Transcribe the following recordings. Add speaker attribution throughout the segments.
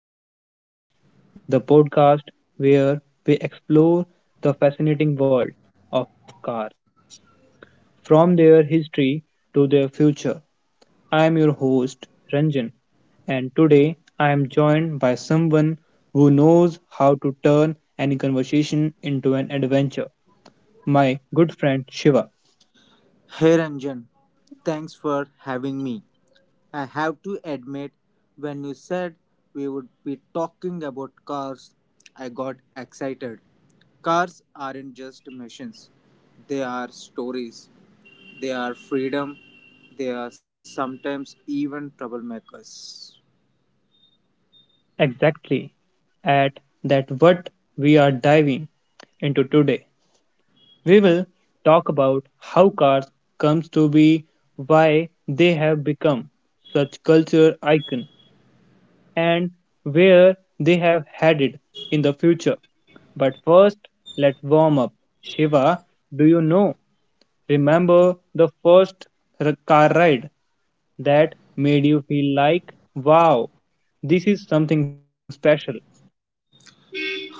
Speaker 1: welcome to Drive Talk, the podcast where we explore the fascinating world of cars, from their history to their future. I am your host, Ranjan, and today I am joined by someone who knows how to turn any conversation into an adventure, my good friend Shiva.
Speaker 2: Hey Ranjan, thanks for having me. I have to admit, when you said we would be talking about cars, I got excited. Cars aren't just machines, they are stories, they are freedom, they are sometimes even troublemakers.
Speaker 1: Exactly, at that what we are diving into today. We will talk about how cars comes to be, why they have become such culture icon and where they have headed in the future. But first, let's warm up. Shiva, do you know, remember the first car ride that made you feel like, wow, this is something special?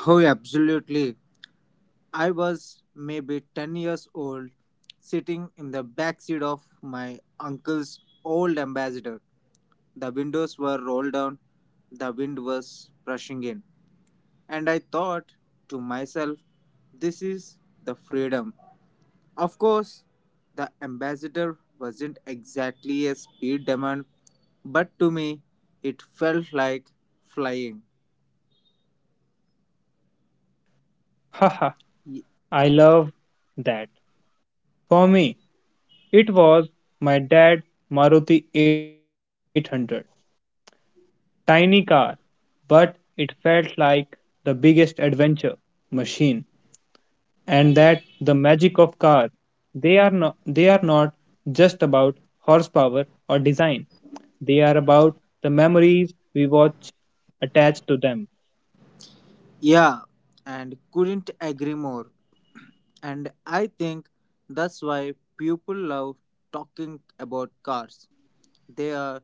Speaker 2: Oh, absolutely. I was maybe 10 years old, sitting in the back seat of my uncle's old ambassador. The windows were rolled down, the wind was rushing in, and I thought to myself, this is the freedom. Of course, the ambassador wasn't exactly a speed demon, but to me, it felt like flying.
Speaker 1: Haha, I love that. For me, it was my dad's Maruti 800. Tiny car, but it felt like the biggest adventure machine. And that the magic of cars. They are not just about horsepower or design. They are about the memories we watch attached to them.
Speaker 2: Yeah, and couldn't agree more. And I think that's why people love talking about cars. They are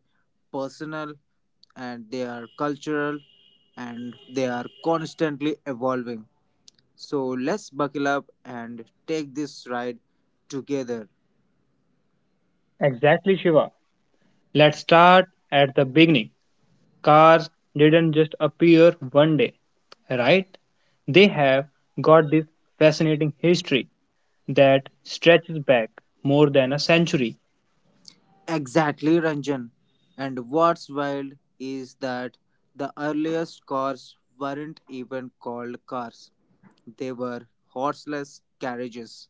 Speaker 2: personal and they are cultural and they are constantly evolving. So let's buckle up and take this ride together.
Speaker 1: Exactly, Shiva. Let's start at the beginning. Cars didn't just appear one day, right? They have got this fascinating history that stretches back more than a century.
Speaker 2: Exactly, Ranjan. And what's wild is that the earliest cars weren't even called cars, they were horseless carriages.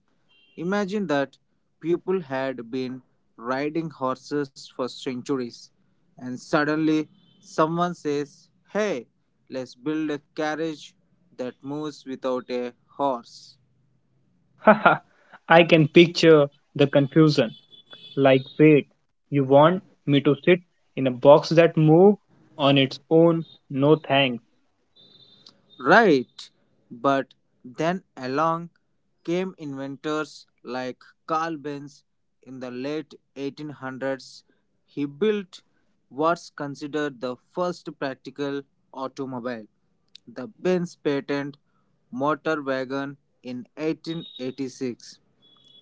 Speaker 2: Imagine that people had been riding horses for centuries, and suddenly someone says, hey, let's build a carriage that moves without a horse.
Speaker 1: Haha, I can picture the confusion. Like, wait, you want me to sit in a box that moves on its own? No thanks.
Speaker 2: Right, but then along came inventors like Carl Benz in the late 1800s. He built what's considered the first practical automobile, the Benz patent motor wagon in 1886.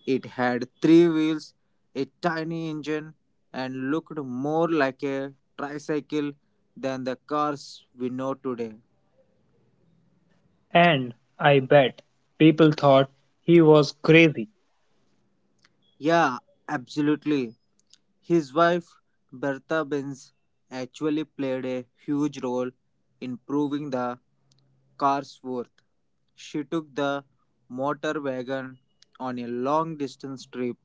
Speaker 2: It had three wheels, a tiny engine, and looked more like a tricycle than the cars we know today.
Speaker 1: And I bet people thought he was crazy.
Speaker 2: Yeah, absolutely. His wife, Bertha Benz, actually played a huge role in proving the car's worth. She took the motor wagon on a long distance trip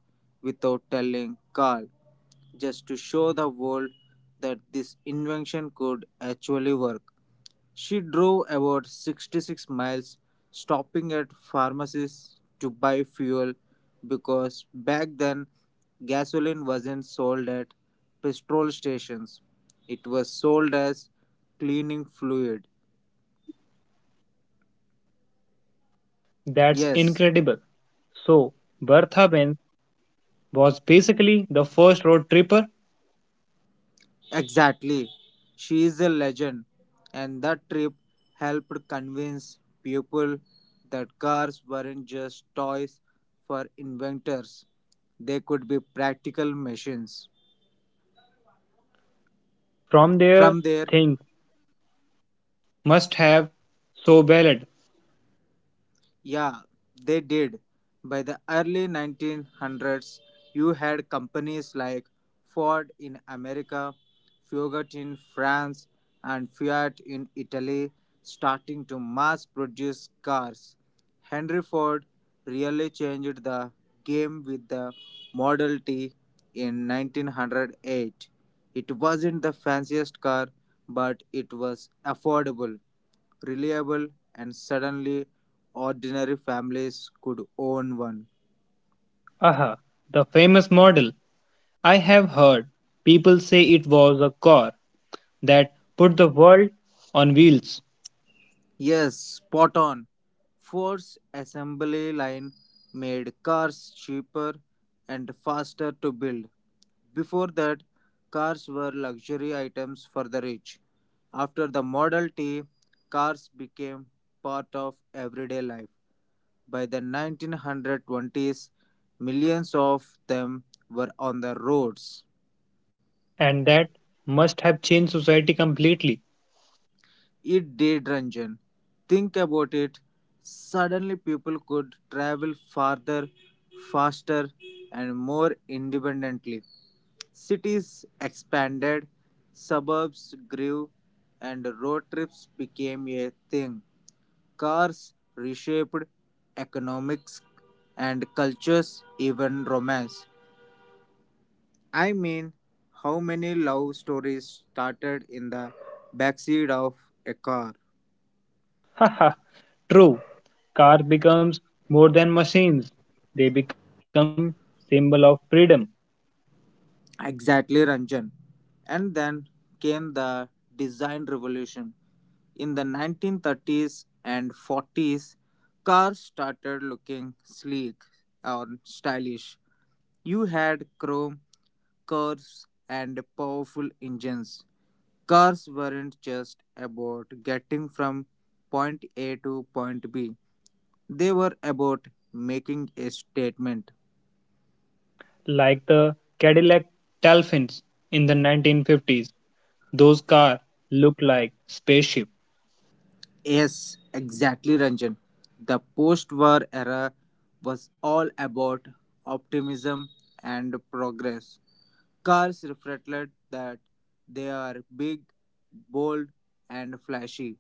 Speaker 2: without telling Carl, just to show the world that this invention could actually work. She drove about 66 miles, stopping at pharmacies to buy fuel because back then gasoline wasn't sold at petrol stations. It was sold as cleaning fluid.
Speaker 1: That's
Speaker 2: Yes,
Speaker 1: incredible. So, Bertha Benz. Was basically the first road tripper.
Speaker 2: exactly. She is a legend, and that trip helped convince people that cars weren't just toys for inventors, they could be practical machines. From there,
Speaker 1: From there, things must have so ballad.
Speaker 2: yeah, they did. By the early 1900s, you had companies like Ford in America, Fiat in France, and Fiat in Italy starting to mass produce cars. Henry Ford really changed the game with the Model T in 1908. It wasn't the fanciest car, but it was affordable reliable and suddenly ordinary families could own one.
Speaker 1: Aha, the famous model. I have heard people say it was a car that put the world on wheels,
Speaker 2: Yes, spot on. Ford's assembly line made cars cheaper and faster to build. Before that, cars were luxury items for the rich. After the Model T, cars became part of everyday life. By the 1920s, millions of them were on the roads.
Speaker 1: and that must have changed society completely.
Speaker 2: It did, Ranjan. Think about it. Suddenly, people could travel farther, faster, and more independently. Cities expanded, suburbs grew, and road trips became a thing. Cars reshaped economics and cultures, even romance. I mean, how many love stories started in the backseat of a car?
Speaker 1: Haha, true. Car becomes more than machines. They become symbol of freedom,
Speaker 2: Exactly, Ranjan. And then came the design revolution. In the 1930s and 40s, cars started looking sleek or stylish. You had chrome curves and powerful engines. Cars weren't just about getting from point A to point B, they were about making a statement.
Speaker 1: like the Cadillac Dolphins in the 1950s. Those cars looked like spaceships.
Speaker 2: Yes, exactly, Ranjan. The post war era was all about optimism and progress. Cars reflected that they are big, bold, and flashy.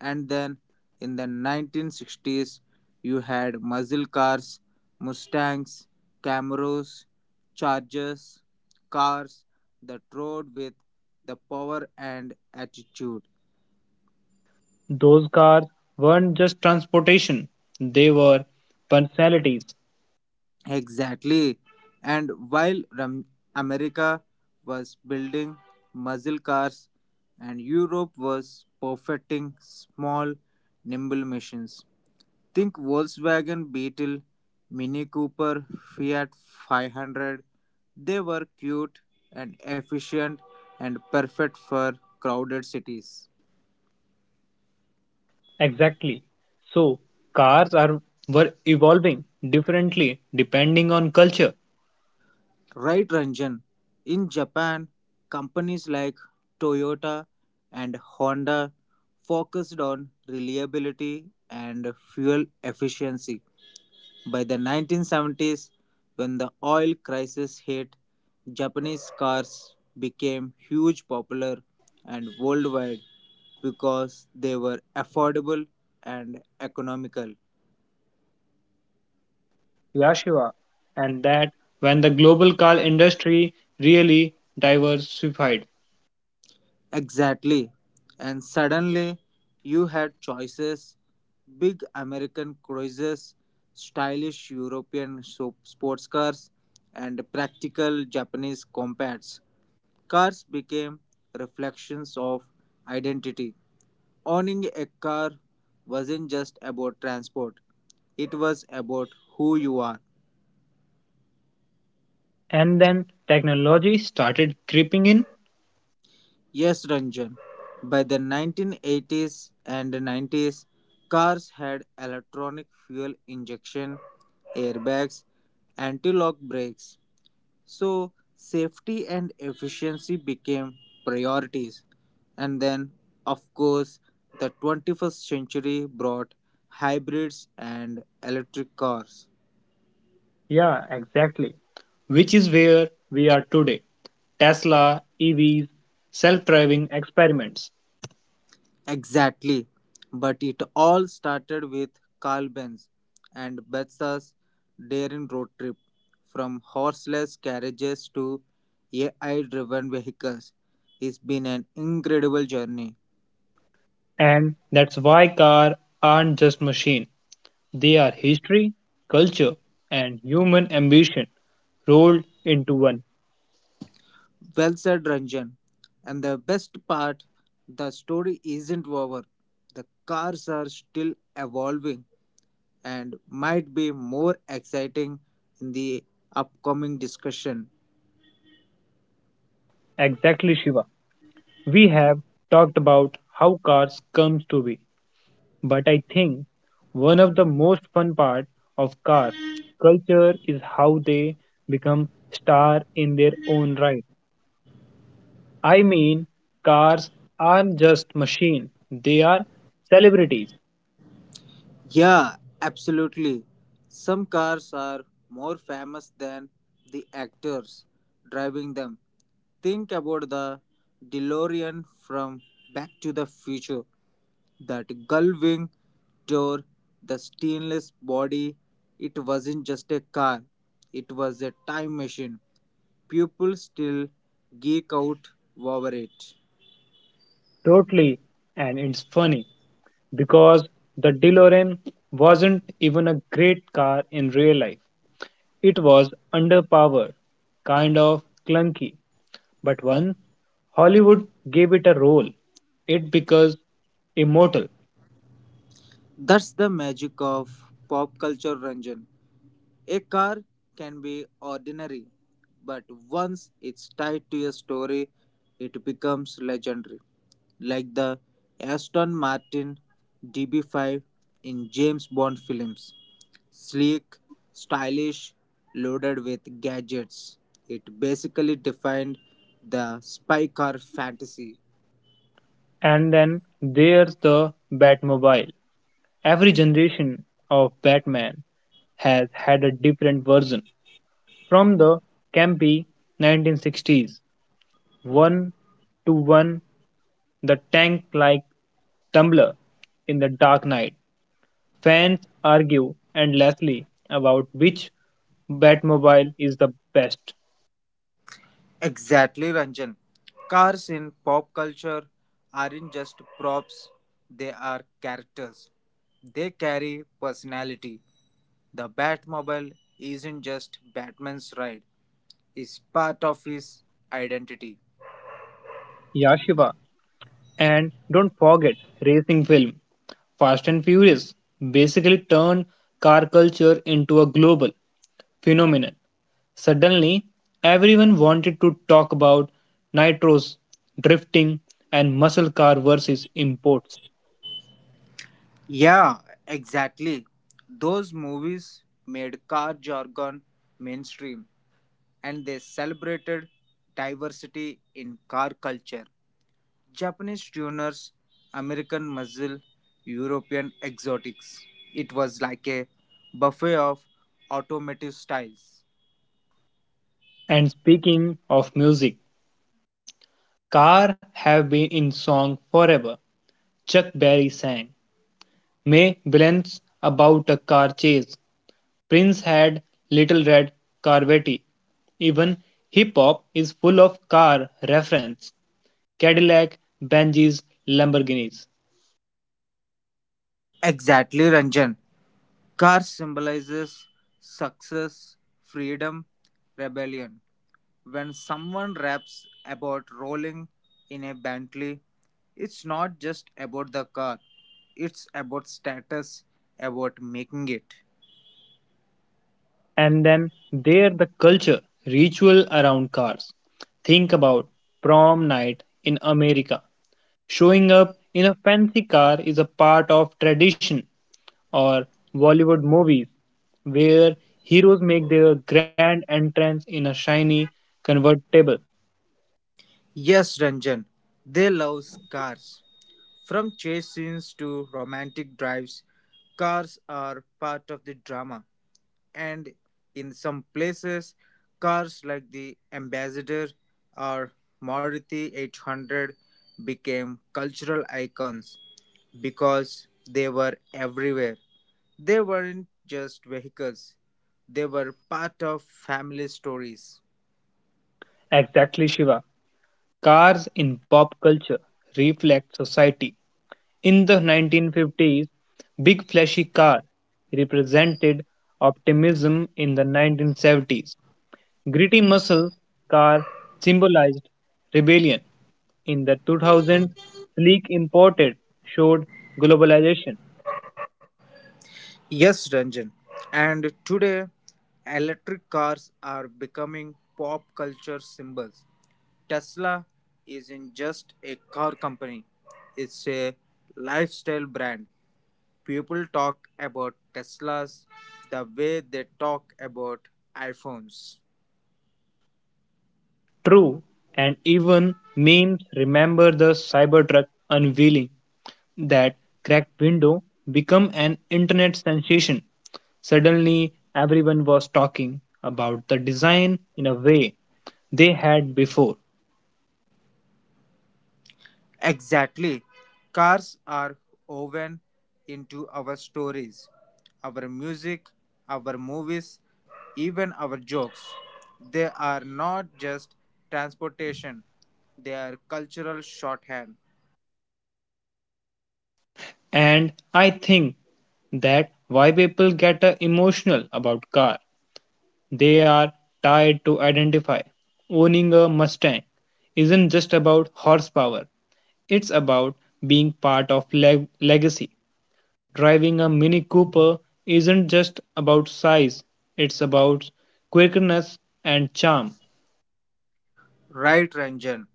Speaker 2: And then in the 1960s, you had muscle cars, Mustangs, Camaros, Chargers, cars that rode with the power and attitude.
Speaker 1: Those cars weren't just transportation, they were personalities.
Speaker 2: Exactly. And while America was building muscle cars and Europe was perfecting small, nimble machines, think Volkswagen Beetle, Mini Cooper, Fiat 500. They were cute and efficient and perfect for crowded cities.
Speaker 1: Exactly. So, cars are were evolving differently depending on culture.
Speaker 2: Right Ranjan, in Japan, companies like Toyota and Honda focused on reliability and fuel efficiency. By the 1970s, when the oil crisis hit, Japanese cars became huge popular and worldwide because they were affordable and economical.
Speaker 1: Yashiva. And that when the global car industry really diversified.
Speaker 2: Exactly. And suddenly you had choices big American cruises, stylish European sports cars, and practical Japanese compacts. Cars became reflections of identity. Owning a car wasn't just about transport, it was about who you are.
Speaker 1: And then technology started creeping in.
Speaker 2: Yes, Ranjan. By the 1980s and 90s, cars had electronic fuel injection, airbags, anti-lock brakes. So, safety and efficiency became priorities. And then, of course, the 21st century brought hybrids and electric cars.
Speaker 1: Yeah, exactly. Which is where we are today. Tesla, EVs, self driving experiments.
Speaker 2: Exactly. But it all started with Carl Benz and Betsa's daring road trip from horseless carriages to AI driven vehicles. It's been an incredible journey.
Speaker 1: And that's why cars aren't just machines, they are history, culture, and human ambition rolled into one.
Speaker 2: Well said, Ranjan. And the best part the story isn't over. The cars are still evolving and might be more exciting in the upcoming discussion.
Speaker 1: Exactly, Shiva. We have talked about how cars comes to be, but I think one of the most fun part of car culture is how they become star in their own right. I mean, cars aren't just machines, they are celebrities.
Speaker 2: Yeah, absolutely. Some cars are more famous than the actors driving them. Think about the DeLorean from Back to the Future, that gull wing door, the stainless body. It wasn't just a car, it was a time machine. People still geek out over it.
Speaker 1: Totally. And it's funny because the DeLorean wasn't even a great car in real life. It was underpowered, kind of clunky. But once Hollywood gave it a role, it becomes immortal.
Speaker 2: That's the magic of pop culture, Ranjan. A car can be ordinary, but once it's tied to a story, it becomes legendary. Like the Aston Martin DB5 in James Bond films. Sleek, stylish, loaded with gadgets. It basically defined the spy car fantasy.
Speaker 1: And then there's the Batmobile. Every generation of Batman has had a different version. From the campy 1960s one to one the tank like tumbler in the Dark Knight. Fans argue endlessly about which Batmobile is the best.
Speaker 2: Exactly, Ranjan. Cars in pop culture aren't just props, they are characters. They carry personality. The Batmobile isn't just Batman's ride, it's part of his identity.
Speaker 1: Yashiva and don't forget racing film. Fast and Furious basically turned car culture into a global phenomenon. Suddenly, everyone wanted to talk about nitros, drifting, and muscle car versus imports.
Speaker 2: Yeah, exactly. Those movies made car jargon mainstream and they celebrated diversity in car culture. Japanese tuners, American muscle, European exotics. It was like a buffet of automotive styles.
Speaker 1: And speaking of music, car have been in song forever. Chuck Berry sang May Balance about a car chase. Prince had Little Red Corvette. Even hip hop is full of car reference. Cadillac, Benjis, Lamborghinis.
Speaker 2: Exactly, Ranjan. Car symbolizes success, freedom, rebellion. When someone raps about rolling in a Bentley, it's not just about the car, it's about status, about making it.
Speaker 1: And then there the culture ritual around cars. Think about prom night in America, showing up in a fancy car is a part of tradition. Or Bollywood movies where heroes make their grand entrance in a shiny convertible.
Speaker 2: Yes, Ranjan, they love cars. From chase scenes to romantic drives, cars are part of the drama, and in some places, cars like the Ambassador or Maruti 800 became cultural icons because they were everywhere. They weren't just vehicles, they were part of family stories.
Speaker 1: Exactly, Shiva. Cars in pop culture reflect society. In the 1950s, big flashy car represented optimism. In the 1970s. Gritty muscle car symbolized rebellion. In the 2000s, sleek imported showed globalization.
Speaker 2: Yes, Ranjan. And today, electric cars are becoming pop culture symbols. Tesla isn't just a car company, it's a lifestyle brand. People talk about Teslas the way they talk about iPhones.
Speaker 1: True, and even memes, remember the Cybertruck unveiling. That cracked window became an internet sensation. Suddenly, everyone was talking about the design in a way they had before.
Speaker 2: Exactly. Cars are woven into our stories, our music, our movies, even our jokes. They are not just transportation, they are cultural shorthand.
Speaker 1: And I think that why people get emotional about car. They are tired to identify. Owning a Mustang isn't just about horsepower. It's about being part of legacy. Driving a Mini Cooper isn't just about size. It's about quickness and charm.
Speaker 2: Right, Ranjan.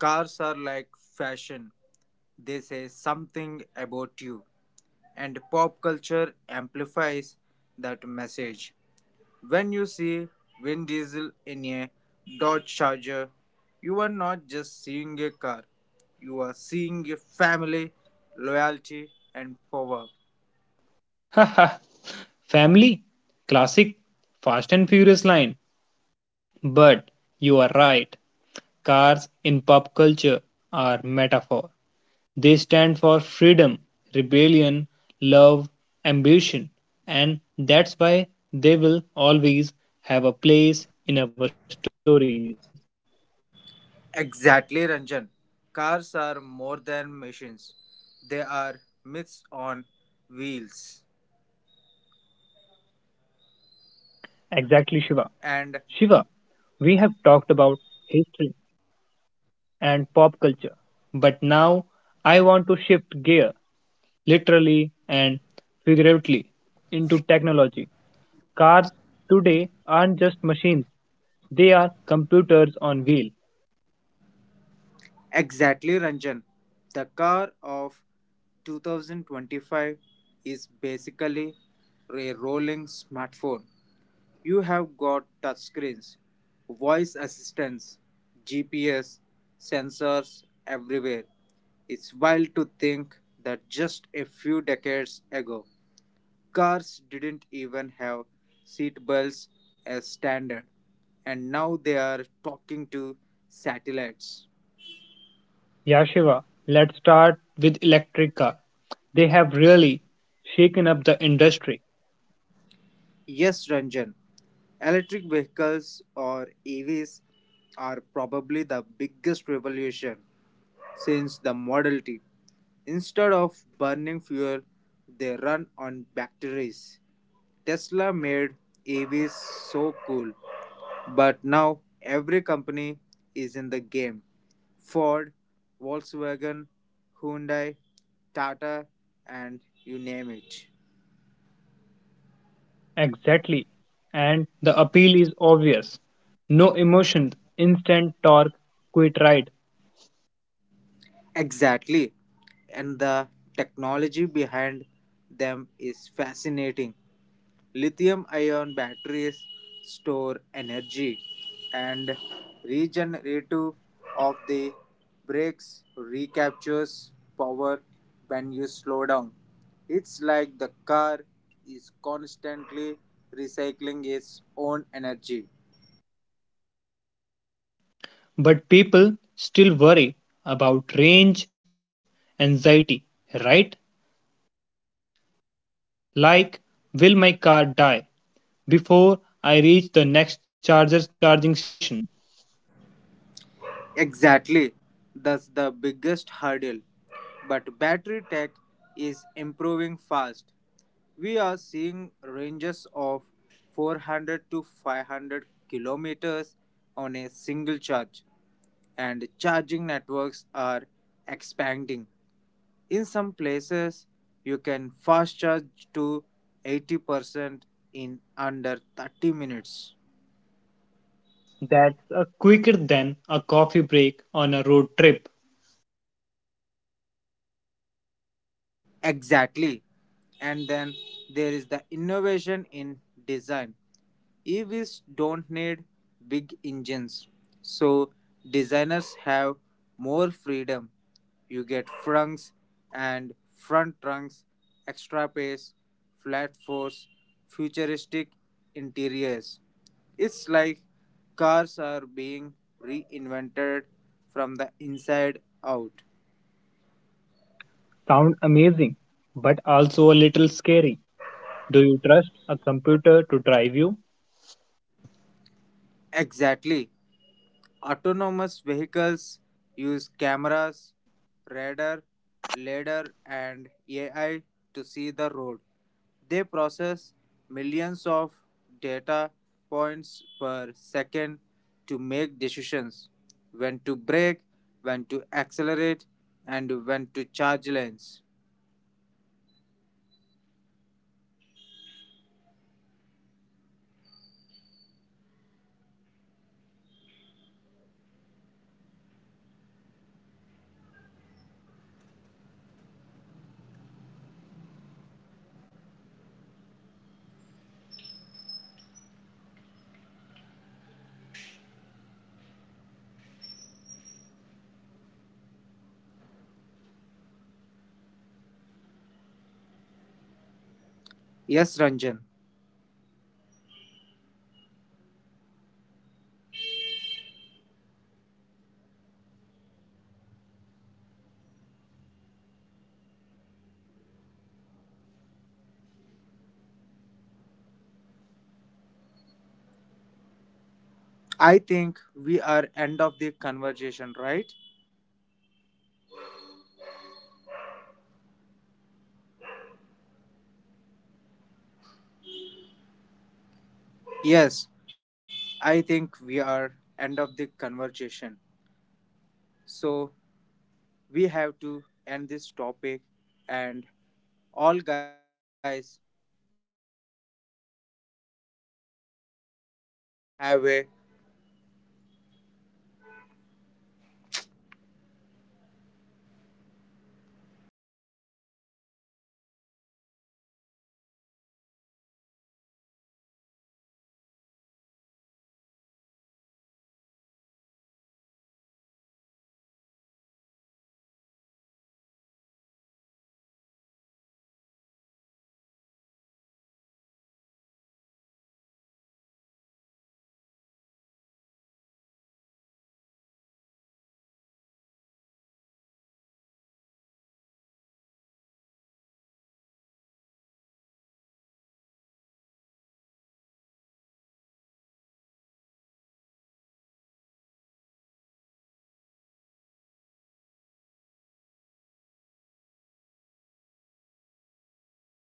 Speaker 2: Cars are like fashion. They say something about you, and pop culture amplifies that message. When you see Vin Diesel in a Dodge Charger, you are not just seeing a car, you are seeing a family, loyalty, and power.
Speaker 1: Haha. Family, classic, fast and furious line. But you are right. Cars in pop culture are metaphor. They stand for freedom, rebellion, love, ambition, and that's why they will always have a place in our stories.
Speaker 2: Exactly, Ranjan. Cars are more than machines, they are myths on wheels.
Speaker 1: Exactly, Shiva. Shiva, we have talked about
Speaker 2: And
Speaker 1: history and pop culture, but now I want to shift gear literally and figuratively into technology. Cars today aren't just machines, they are computers on wheel.
Speaker 2: exactly, Ranjan. The car of 2025 is basically a rolling smartphone. You have got touchscreens, voice assistants, GPS, sensors everywhere. It's wild to think that just a few decades ago, cars didn't even have seat belts as standard, and now they are talking to satellites.
Speaker 1: Yeah, Shiva, let's start with electric car. They have really shaken up the industry.
Speaker 2: Yes, Ranjan, electric vehicles or EVs are probably the biggest revolution since the Model T. Instead of burning fuel, they run on batteries. Tesla made EVs so cool, but now every company is in the game. Ford, Volkswagen, Hyundai, Tata, and you name it.
Speaker 1: Exactly. And the appeal is obvious. No emotions, instant torque, quick ride.
Speaker 2: Exactly. And the technology behind them is fascinating. Lithium ion batteries store energy and regenerative of the brakes recaptures power when you slow down. It's like the car is constantly recycling its own energy.
Speaker 1: But people still worry about range anxiety, right? Like, will my car die before I reach the next charger charging station?
Speaker 2: Exactly. That's the biggest hurdle. But battery tech is improving fast. We are seeing ranges of 400 to 500 kilometers on a single charge, and charging networks are expanding. In some places, you can fast charge to 80% in under 30 minutes.
Speaker 1: That's quicker than a coffee break on a road trip.
Speaker 2: Exactly. And then there is the innovation in design. EVs don't need big engines, so designers have more freedom. You get trunks and front trunks, extra space, flat force, futuristic interiors. It's like cars are being reinvented from the inside out.
Speaker 1: Sound amazing, but also a little scary. Do you trust a computer to drive you?
Speaker 2: Exactly. Autonomous vehicles use cameras, radar, lidar and AI to see the road. They process millions of data points per second to make decisions when to brake, when to accelerate, and when to
Speaker 1: As we
Speaker 2: charge
Speaker 1: park the
Speaker 2: lanes.
Speaker 1: episode, I want to thank Shiva for joining us and sharing such engaging perspective on the world of cars, from the thrill of innovation to the everyday
Speaker 2: Yes, Ranjan, I think we are end of the conversation, right? Yes, I think we are end of the conversation. So we have to end this topic and all guys.